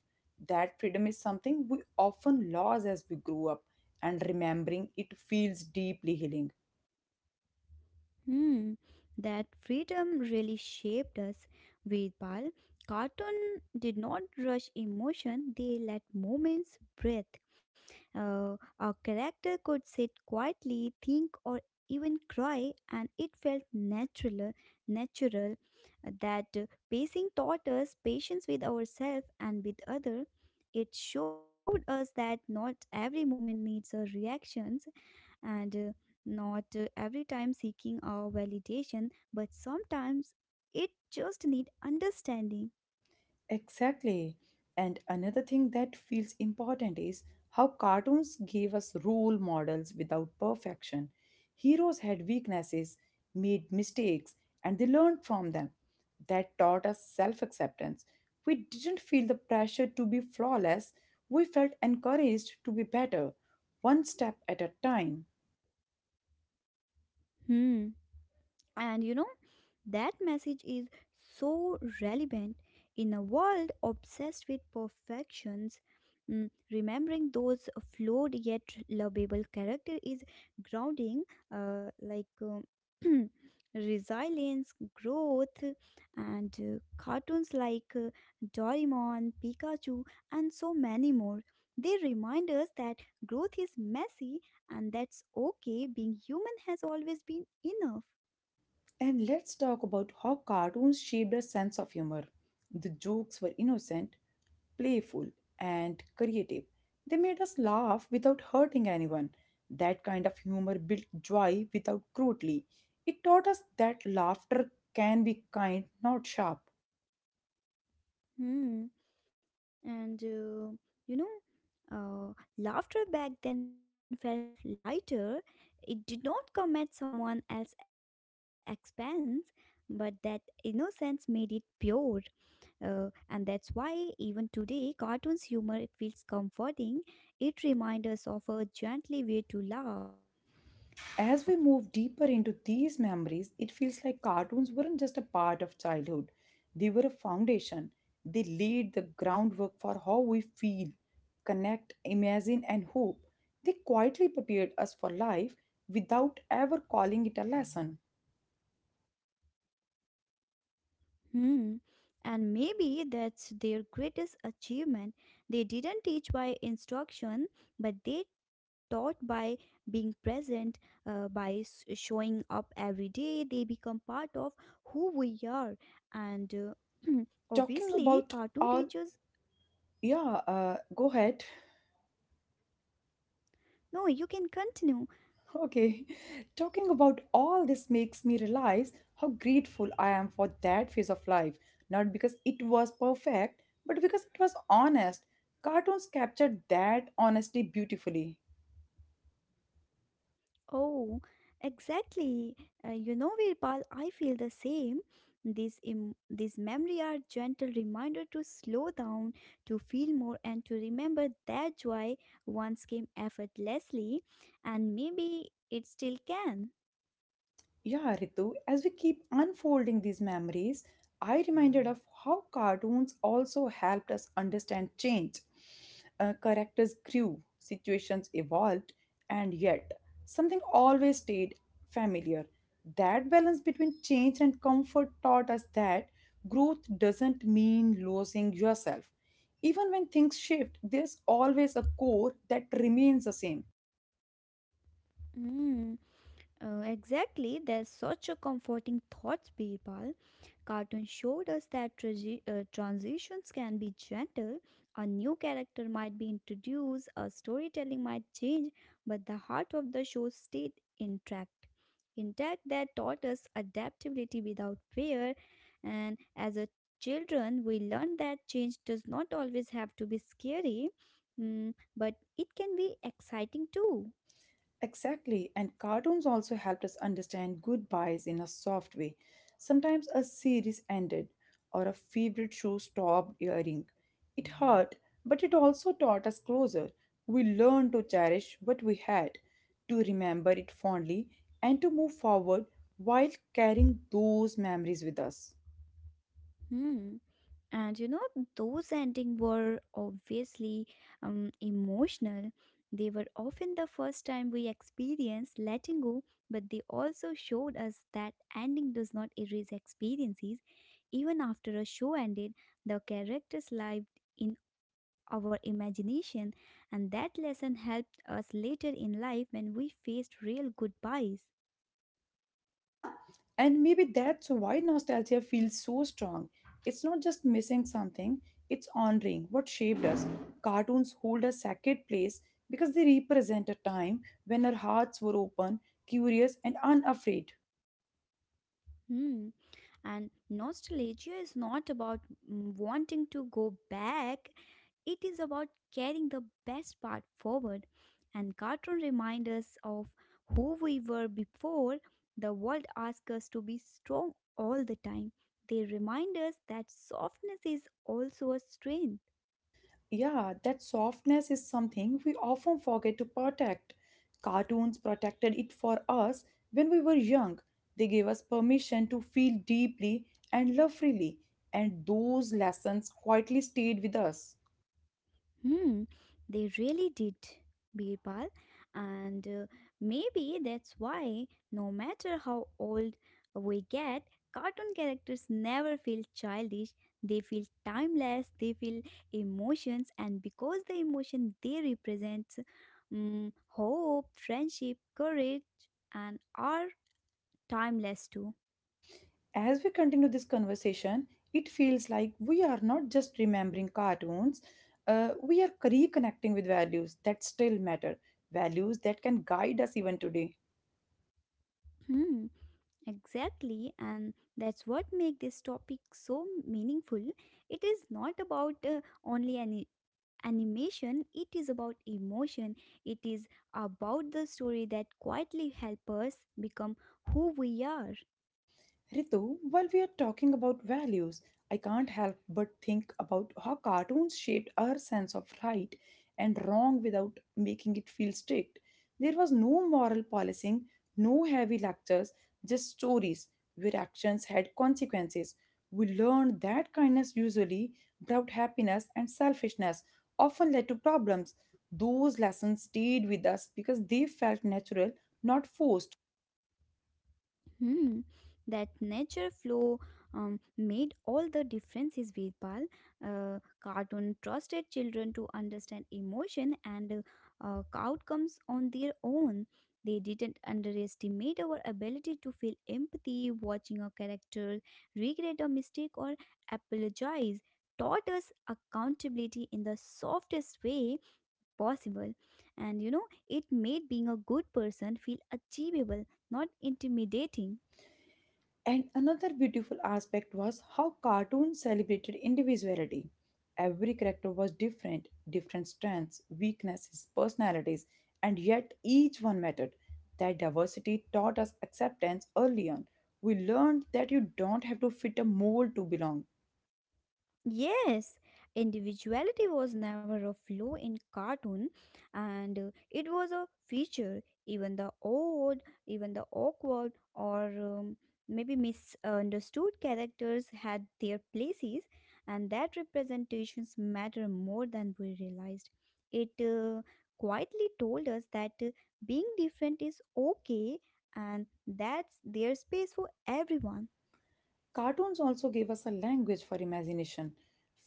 Speaker 1: That freedom is something we often lose as we grow up, and remembering it feels deeply healing.
Speaker 2: Hmm, that freedom really shaped us. With Pal, cartoon did not rush emotion, they let moments breathe. A character could sit quietly, think, or even cry, and it felt natural. Natural that pacing taught us patience with ourselves and with other. It showed us that not every moment needs a reaction, and not every time seeking our validation, but sometimes it just need understanding.
Speaker 1: Exactly. And another thing that feels important is how cartoons gave us role models without perfection. Heroes had weaknesses, made mistakes, and they learned from them. That taught us self acceptance. We didn't feel the pressure to be flawless, we felt encouraged to be better, one step at a time.
Speaker 2: Hmm. And you know, that message is so relevant in a world obsessed with perfections. Mm, remembering those flawed yet lovable character is grounding, uh, like um, <clears throat> resilience, growth, and cartoons like Doraemon, Pikachu, and so many more. They remind us that growth is messy and that's okay. Being human has always been enough.
Speaker 1: And let's talk about how cartoons shaped a sense of humor. The jokes were innocent, playful, and creative. They made us laugh without hurting anyone. That kind of humor built joy without cruelty. It taught us that laughter can be kind, not sharp.
Speaker 2: Hmm. And uh, you know, Laughter back then felt lighter. It did not come at someone else's expense, but that innocence made it pure. And that's why even today, cartoons humor it feels comforting. It reminds us of a gently way to laugh.
Speaker 1: As we move deeper into these memories, it feels like cartoons weren't just a part of childhood, they were a foundation. They laid the groundwork for how we feel, connect, imagine, and hope. They quietly prepared us for life without ever calling it a lesson.
Speaker 2: Hmm. And maybe that's their greatest achievement. They didn't teach by instruction, but they taught by being present, by showing up every day, they become part of who we are. And <clears throat>
Speaker 1: Talking
Speaker 2: obviously,
Speaker 1: about
Speaker 2: cartoon
Speaker 1: all,
Speaker 2: teachers.
Speaker 1: yeah, go ahead.
Speaker 2: No, you can continue.
Speaker 1: <laughs> Okay, talking about all this makes me realize how grateful I am for that phase of life, not because it was perfect, but because it was honest. Cartoons captured that honesty beautifully.
Speaker 2: Oh, exactly. You know, Virpal, I feel the same. These memory are gentle reminder to slow down, to feel more, and to remember that joy once came effortlessly, and maybe it still can.
Speaker 1: Yeah, Ritu, as we keep unfolding these memories, I reminded of how cartoons also helped us understand change. Characters grew, situations evolved, and yet something always stayed familiar. That balance between change and comfort taught us that growth doesn't mean losing yourself. Even when things shift, there's always a core that remains the same.
Speaker 2: Mm. Exactly, there's such a comforting thought, Birbal. Cartoon showed us that transitions can be gentle. A new character might be introduced, a storytelling might change, but the heart of the show stayed intact. That taught us adaptability without fear, and as a children, we learned that change does not always have to be scary, mm, but it can be exciting too.
Speaker 1: Exactly, and cartoons also helped us understand goodbyes in a soft way. Sometimes a series ended or a favorite show stopped airing. It hurt, but it also taught us closer. We learned to cherish what we had, to remember it fondly, and to move forward while carrying those memories with us.
Speaker 2: Hmm. And you know, those endings were obviously emotional. They were often the first time we experienced letting go, but they also showed us that ending does not erase experiences. Even after a show ended, the characters lived in our imagination, and that lesson helped us later in life when we faced real goodbyes.
Speaker 1: And maybe that's why nostalgia feels so strong. It's not just missing something, it's honoring what shaped us. Cartoons hold a sacred place because they represent a time when our hearts were open, curious, and unafraid.
Speaker 2: Hmm. And nostalgia is not about wanting to go back, it is about carrying the best part forward. And cartoon remind us of who we were before the world asks us to be strong all the time. They remind us that softness is also a strength.
Speaker 1: Yeah, that softness is something we often forget to protect. Cartoons protected it for us when we were young. They gave us permission to feel deeply and love freely, and those lessons quietly stayed with us.
Speaker 2: Hmm, they really did, Birbal, and maybe that's why, no matter how old we get, cartoon characters never feel childish. They feel timeless. They feel emotions, and because the emotion they represent, mm, hope, friendship, courage, and are timeless too.
Speaker 1: As we continue this conversation, it feels like we are not just remembering cartoons, we are reconnecting with values that still matter, values that can guide us even today.
Speaker 2: Hmm. Exactly, and that's what makes this topic so meaningful. It is not about only an animation, it is about emotion. It is about the story that quietly help us become who we are.
Speaker 1: Ritu, while we are talking about values, I can't help but think about how cartoons shaped our sense of right and wrong without making it feel strict. There was no moral policing, no heavy lectures, just stories where actions had consequences. We learned that kindness usually brought happiness and selfishness often led to problems. Those lessons stayed with us because they felt natural, not forced.
Speaker 2: Hmm, that nature flow made all the difference is Veerpal. Cartoon trusted children to understand emotion and outcomes on their own. They didn't underestimate our ability to feel empathy. Watching a character regret a mistake or apologize taught us accountability in the softest way possible. And you know, it made being a good person feel achievable, not intimidating.
Speaker 1: And another beautiful aspect was how cartoons celebrated individuality. Every character was different, different strengths, weaknesses, personalities, and yet each one mattered. That diversity taught us acceptance early on. We learned that you don't have to fit a mold to belong.
Speaker 2: Yes, individuality was never a flaw in cartoon, and it was a feature. Even the odd, even the awkward or maybe misunderstood characters had their places, and that representations matter more than we realized. It quietly told us that being different is okay and that's their space for everyone.
Speaker 1: Cartoons also gave us a language for imagination.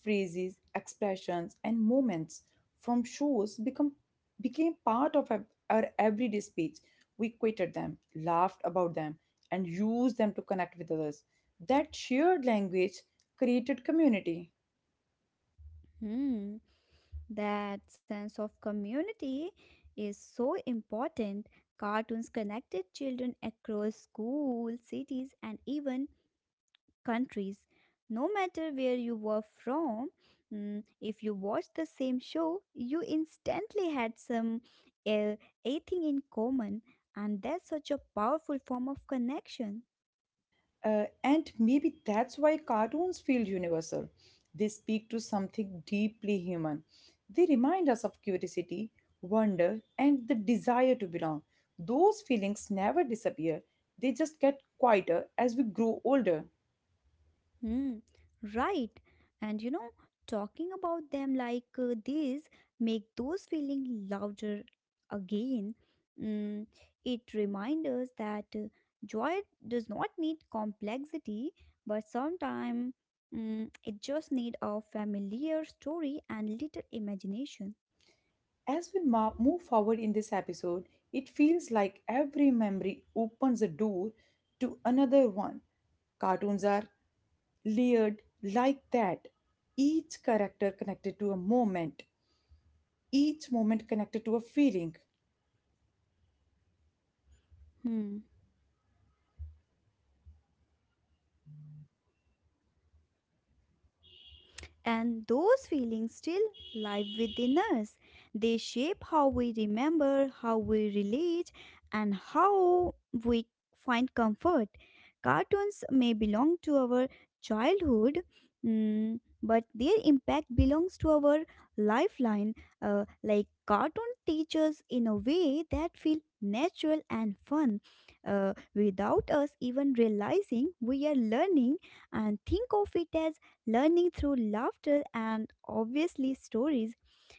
Speaker 1: Phrases, expressions, and moments from shows became part of our everyday speech. We quoted them, laughed about them, and used them to connect with others. That shared language created community.
Speaker 2: Hmm. That sense of community is so important. Cartoons connected children across schools, cities, and even countries. No matter where you were from, mm, if you watched the same show, you instantly had some uh, a thing in common, and that's such a powerful form of connection.
Speaker 1: And maybe that's why cartoons feel universal. They speak to something deeply human. They remind us of curiosity, wonder, and the desire to belong. Those feelings never disappear, they just get quieter as we grow older.
Speaker 2: Hmm, right. And you know, talking about them like this make those feeling louder again. Mm, it reminds us that joy does not need complexity, but sometimes it just need a familiar story and little imagination.
Speaker 1: As we move forward in this episode, it feels like every memory opens a door to another one. Cartoons are layered like that, each character connected to a moment, each moment connected to a feeling.
Speaker 2: Hmm. And those feelings still live within us. They shape how we remember, how we relate, and how we find comfort. Cartoons may belong to our childhood, but their impact belongs to our lifeline. Like cartoon teachers in a way that feel natural and fun without us even realizing we are learning, and think of it as learning through laughter and obviously stories.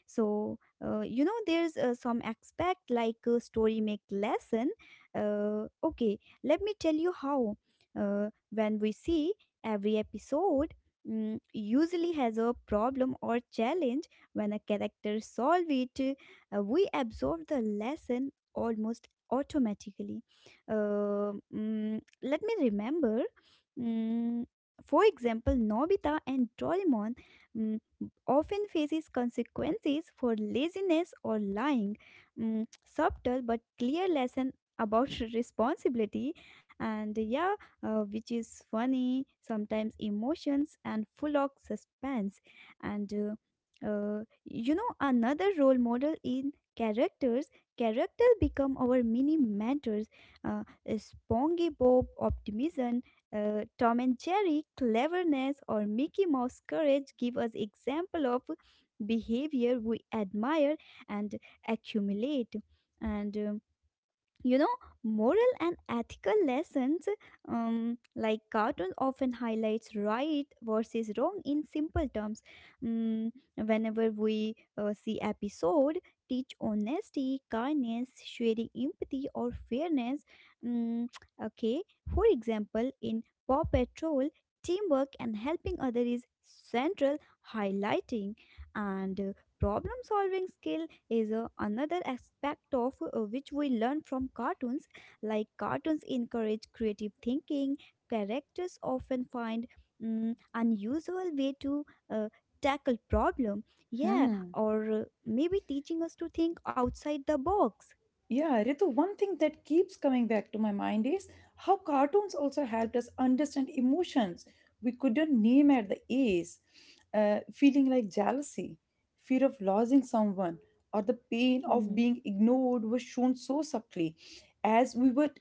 Speaker 2: So, there's some aspect like story make lesson. Okay, let me tell you how. When we see every episode, usually has a problem or challenge. When a character solve it, we absorb the lesson almost automatically. Let me remember. mm, for example, Nobita and Doraemon mm, often faces consequences for laziness or lying. Subtle but clear lesson about <laughs> responsibility, and yeah, which is funny, sometimes emotions and full of suspense. And another role model in characters, characters become our mini mentors. uh, Spongy optimism, Tom and Jerry cleverness, or Mickey Mouse courage give us example of behavior we admire and accumulate. And you know moral and ethical lessons, like cartoon often highlights right versus wrong in simple terms. Mm, Whenever we see episode, teach honesty, kindness, sharing, empathy, or fairness. Mm, okay, for example, in Paw Patrol, teamwork and helping other is central, highlighting. And problem solving skill is another aspect of which we learn from cartoons. Like cartoons encourage creative thinking. Characters often find unusual way to uh, tackle problem, yeah.
Speaker 1: Hmm.
Speaker 2: Or maybe teaching us to think outside the box.
Speaker 1: Yeah, Ritu, one thing that keeps coming back to my mind is how cartoons also helped us understand emotions we couldn't name at the age. Feeling like jealousy, fear of losing someone, or the pain of
Speaker 2: hmm,
Speaker 1: being ignored was shown so subtly. As we were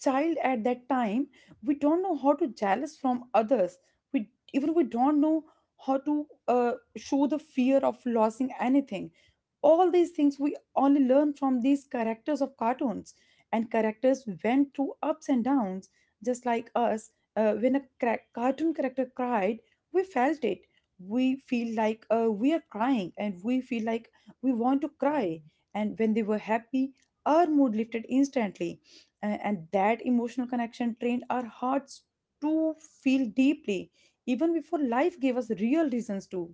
Speaker 1: child at that time, we don't know how to jealous from others. We even we don't know how to show the fear of losing anything, all these things we only learn from these characters of cartoons, and characters went through ups and downs just like us. When a cartoon character cried, we felt it. We feel like we are crying, and we feel like we want to cry. And when they were happy, our mood lifted instantly, A- and that emotional connection trained our hearts to feel deeply, even before life gave us real reasons to.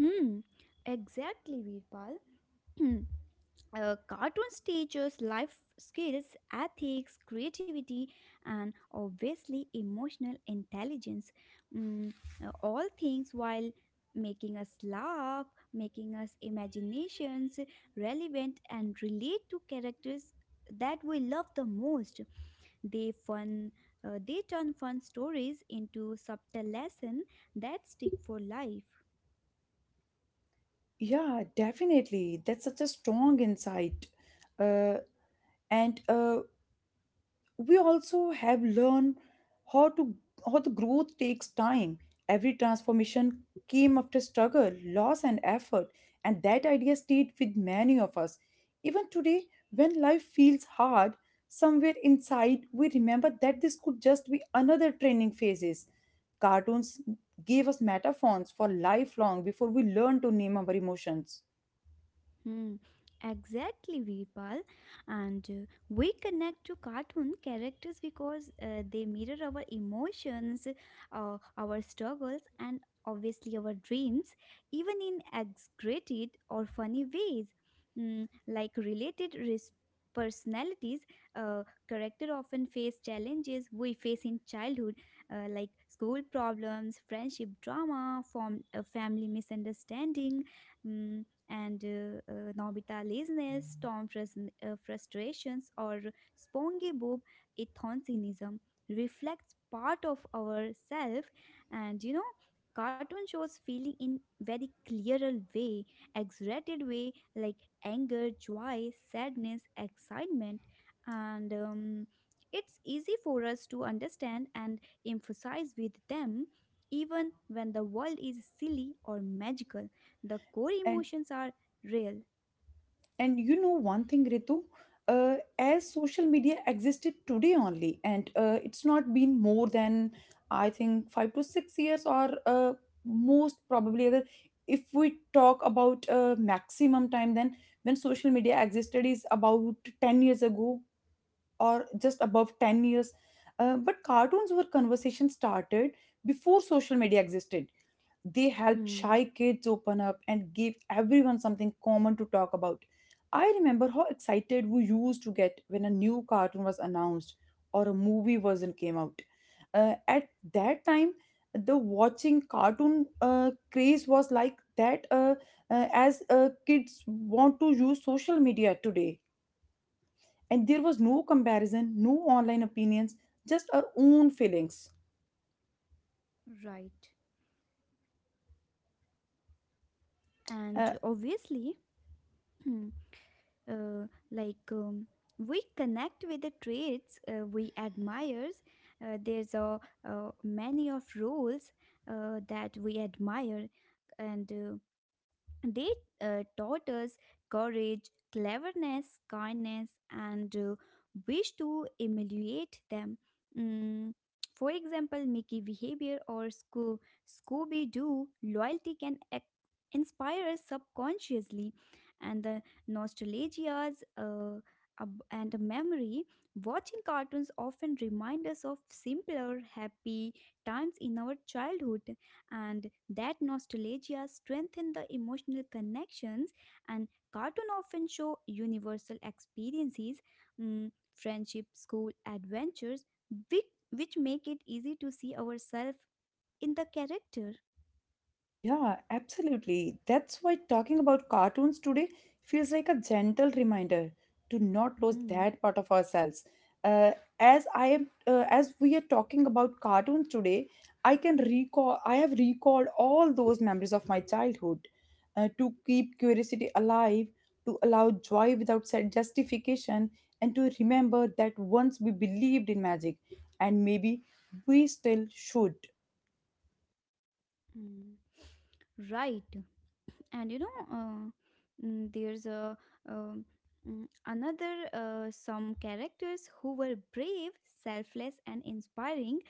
Speaker 2: hmm. Exactly, Virpal. <clears throat> Cartoons teaches life skills, ethics, creativity, and obviously emotional intelligence. Mm, all things while making us laugh, making us imaginations relevant and relate to characters that we love the most. They fun, they turn fun stories into subtle lesson that stick for life.
Speaker 1: Yeah, definitely. That's such a strong insight. Uh, and We also have learned how to how the growth takes time. Every transformation came after struggle, loss, and effort, and that idea stayed with many of us. Even today, when life feels hard, somewhere inside we remember that this could just be another training phases. Cartoons gave us metaphors for life long before we learned to name our emotions.
Speaker 2: Hmm. Exactly, Veerpal. And we connect to cartoon characters because they mirror our emotions, our struggles, and obviously our dreams, even in exaggerated or funny ways. Like personalities. uh, Character often face challenges we face in childhood, like school problems, friendship drama, form, family misunderstanding. hmm, and Nobita laziness, frustrations, or SpongeBob ethnocinism reflects part of our self. And you know, cartoon shows feeling in very clearer way, exaggerated way, like anger, joy, sadness, excitement. And it's easy for us to understand and emphasize with them. Even when the world is silly or magical, the core
Speaker 1: And
Speaker 2: emotions are real.
Speaker 1: And you know one thing, Ritu, as social media existed today only, and it's not been more than I think 5 to 6 years, or most probably other. If we talk about maximum time, then when social media existed is about 10 years ago or just above 10 years. But cartoons were conversation started before social media existed, they helped
Speaker 2: Hmm.
Speaker 1: shy kids open up and gave everyone something common to talk about. I remember how excited we used to get when a new cartoon was announced or a movie version came out. At that time, the watching cartoon craze was like that as kids want to use social media today. And there was no comparison, no online opinions, just our own feelings
Speaker 2: Right. And
Speaker 1: Uh,
Speaker 2: obviously, <clears throat> hmm, uh, like we connect with the traits we admire. There's a Many of roles that we admire, and they taught us courage, cleverness, kindness, and wish to emulate them. Mm, for example, Mickey behavior or Scooby Doo loyalty can inspire us subconsciously. And the nostalgias and memory. Watching cartoons often remind us of simpler, happy times in our childhood, and that nostalgia strengthened the emotional connections. And cartoon often show universal experiences, friendship, school adventures, which, which make it easy to see ourselves in the character.
Speaker 1: Yeah, absolutely. That's why talking about cartoons today feels like a gentle reminder to not lose
Speaker 2: Hmm,
Speaker 1: that part of ourselves. Uh, as we are talking about cartoons today, I can recall. I have recalled all those memories of my childhood. To keep curiosity alive, to allow joy without set justification, and to remember that once we believed in magic, and maybe we still should.
Speaker 2: hmm. Right. And you know, mm, there's a um, another some characters who were brave, selfless, and inspiring.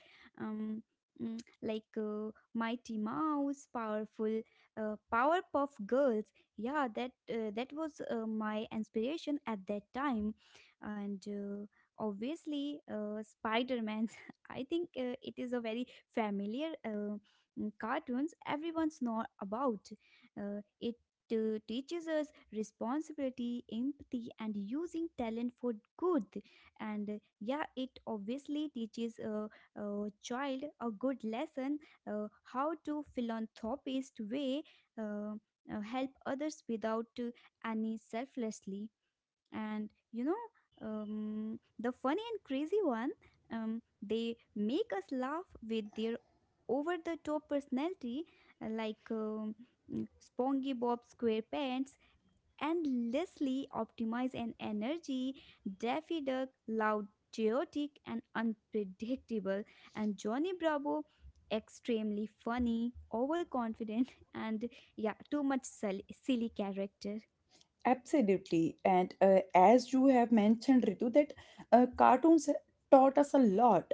Speaker 2: um, like Mighty Mouse powerful, Powerpuff Girls, yeah, that was my inspiration at that time. And obviously Spider-Man. <laughs> I think it is a very familiar cartoons, everyone's know about. It teaches us responsibility, empathy, and using talent for good. And yeah, it obviously teaches a child a good lesson, how to philanthropist way, uh, help others without any selflessly. And you know, the funny and crazy one, they make us laugh with their over the top personality. Uh, like mm, Spongy Bob Squarepants endlessly optimize and energy, Daffy Duck loud, chaotic and unpredictable, and Johnny Bravo extremely funny, overconfident, <laughs> and yeah, too much silly character.
Speaker 1: Absolutely. And as you have mentioned, Ritu, that cartoons taught us a lot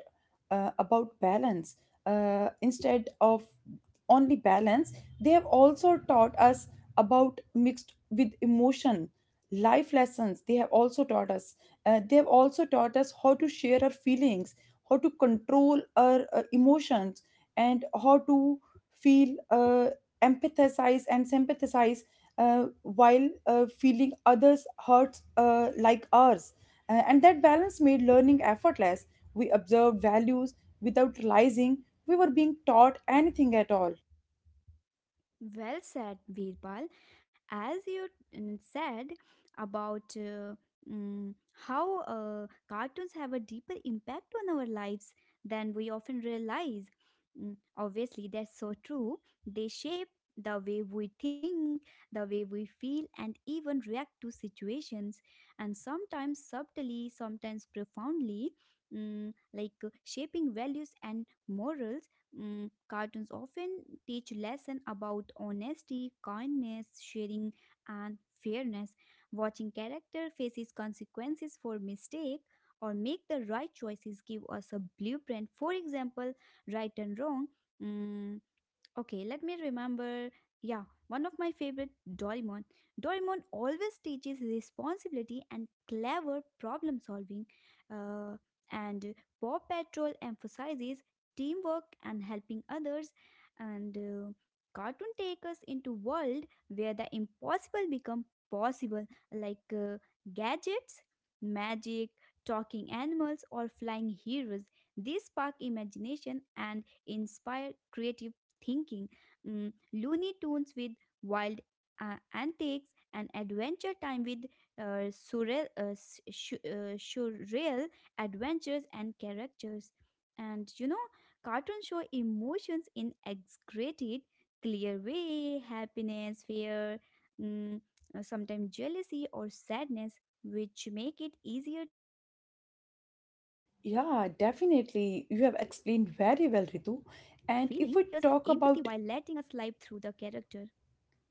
Speaker 1: about balance. Instead of only balance, they have also taught us about mixed with emotion, life lessons. They have also taught us. They have also taught us how to share our feelings, how to control our emotions, and how to feel empathize and sympathize while feeling others' hurts like ours. And that balance made learning effortless. We observed values without realizing we were being taught anything at all.
Speaker 2: Well said, Birbal. As you said about mm, how cartoons have a deeper impact on our lives than we often realize. Obviously, that's so true. They shape the way we think, the way we feel, and even react to situations, and sometimes subtly, sometimes profoundly. Like shaping values and morals. Cartoons often teach lesson about honesty, kindness, sharing, and fairness. Watching character faces consequences for mistake or make the right choices give us a blueprint. For example, right and wrong. mm, Okay, let me remember. Yeah, one of my favorite Doraemon. Doraemon always teaches responsibility and clever problem solving. Uh, and Paw Patrol emphasizes teamwork and helping others. And cartoon take us into world where the impossible become possible, like gadgets, magic, talking animals, or flying heroes. These spark imagination and inspire creativity thinking. Looney Tunes with wild antics, and Adventure Time with surreal adventures and characters. And you know, cartoons show emotions in exaggerated, clear way, happiness, fear, mm, sometimes jealousy or sadness, which make it easier
Speaker 1: Yeah, definitely. You have explained
Speaker 2: they
Speaker 1: very
Speaker 2: teach us
Speaker 1: well, Ritu.
Speaker 2: empathy while
Speaker 1: And if we
Speaker 2: letting us
Speaker 1: talk
Speaker 2: live through
Speaker 1: about
Speaker 2: the character.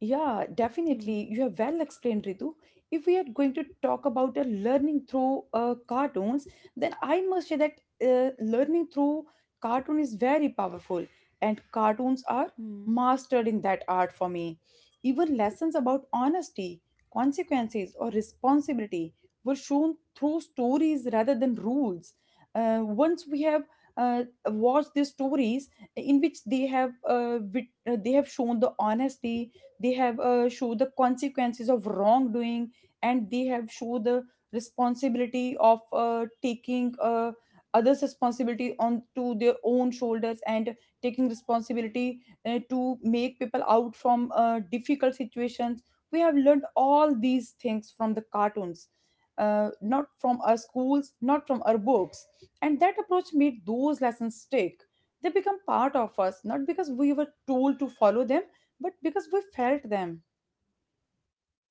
Speaker 2: Hmm.
Speaker 1: definitely. You have well explained, Ritu. If we are going to talk about a learning through cartoons, then I must say that learning through cartoon is very powerful, and cartoons are
Speaker 2: Hmm.
Speaker 1: mastered in that art for me. Even lessons about honesty, consequences, or responsibility were shown through stories rather than rules. Once we have watched these stories in which they have they have shown the honesty, they have show the consequences of wrongdoing, and they have show the responsibility of taking others responsibility on to their own shoulders, and taking responsibility to make people out from difficult situations. We have learned all these things from the cartoons, not from our schools, not from our books, and that approach made those lessons stick. They become part of us, not because we were told to follow them, but because we felt them.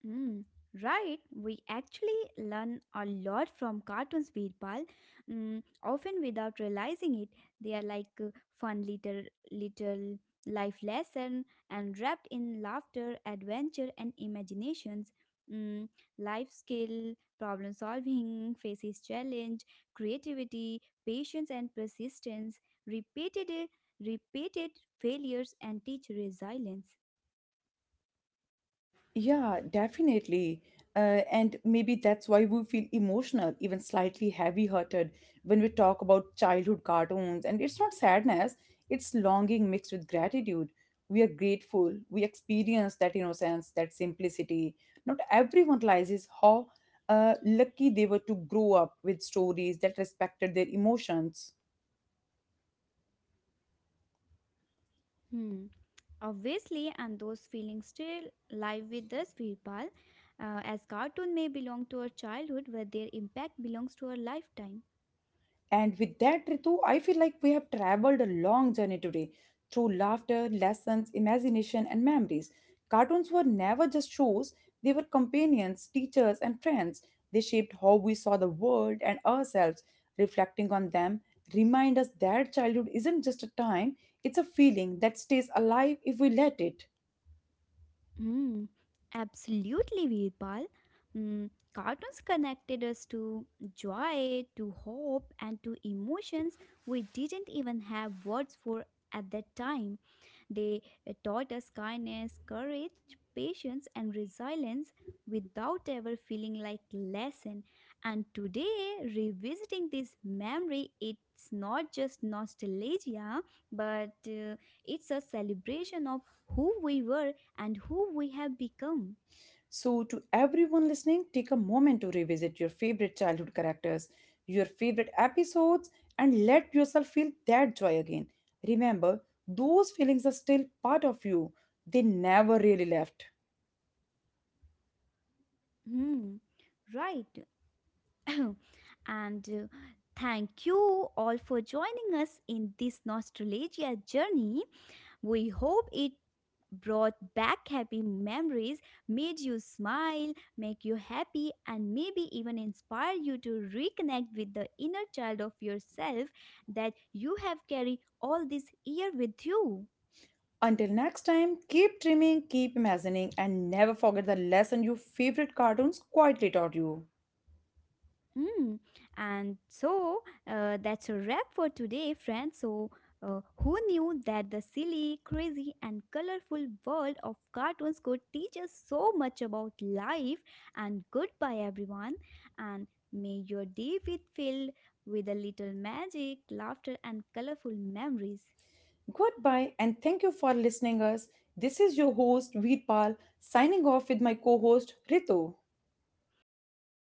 Speaker 2: Mm, right. We actually learn a lot from cartoons, Veerpal. Often without realizing it, they are like fun little life lesson and wrapped in laughter, adventure, and imaginations. Mm, Life skill, problem solving, faces challenge, creativity, patience, and persistence. Repeated Repeated failures and teach resilience.
Speaker 1: Yeah, definitely. And maybe that's why we feel emotional, even slightly heavy hearted when we talk about childhood cartoons, and it's not sadness, it's longing mixed with gratitude. We are grateful we experience that innocence, that simplicity. Not everyone realizes how lucky they were to grow up with stories that respected their emotions.
Speaker 2: Hmm. Obviously, and those feelings still live with us, Virpal, as cartoon may belong to our childhood, where their impact belongs to our lifetime.
Speaker 1: And with that, Ritu, I feel like we have traveled a long journey today through laughter, lessons, imagination, and memories. Cartoons were never just shows, they were companions, teachers, and friends. They shaped how we saw the world and ourselves. Reflecting on them remind us that childhood isn't just a time, it's a feeling that stays alive if we let it.
Speaker 2: Mm, Absolutely, Virpal. Cartoons connected us to joy, to hope, and to emotions we didn't even have words for at that time. They taught us kindness, courage, patience, and resilience without ever feeling like lesson. And today, revisiting this memory, it's not just nostalgia, but it's a celebration of who we were and who we have become.
Speaker 1: So, to everyone listening, take a moment to revisit your favorite childhood characters, your favorite episodes, and let yourself feel that joy again. Remember, those feelings are still part of you, they never really left.
Speaker 2: Hmm. Right. <coughs> <clears throat> And thank you all for joining us in this nostalgia journey. We hope it brought back happy memories, made you smile, make you happy, and maybe even inspire you to reconnect with the inner child of yourself that you have carried all this year with you.
Speaker 1: Until next time, keep dreaming, keep imagining, and never forget the lesson your favorite cartoons quietly taught you.
Speaker 2: Mm. And so that's a wrap for today, friends. So, who knew that the silly, crazy, and colorful world of cartoons could teach us so much about life? And goodbye, everyone. And may your day be filled with a little magic, laughter, and colorful memories.
Speaker 1: Goodbye, and thank you for listening us. This is your host, Veerpal, signing off with my co-host, Ritu.
Speaker 2: See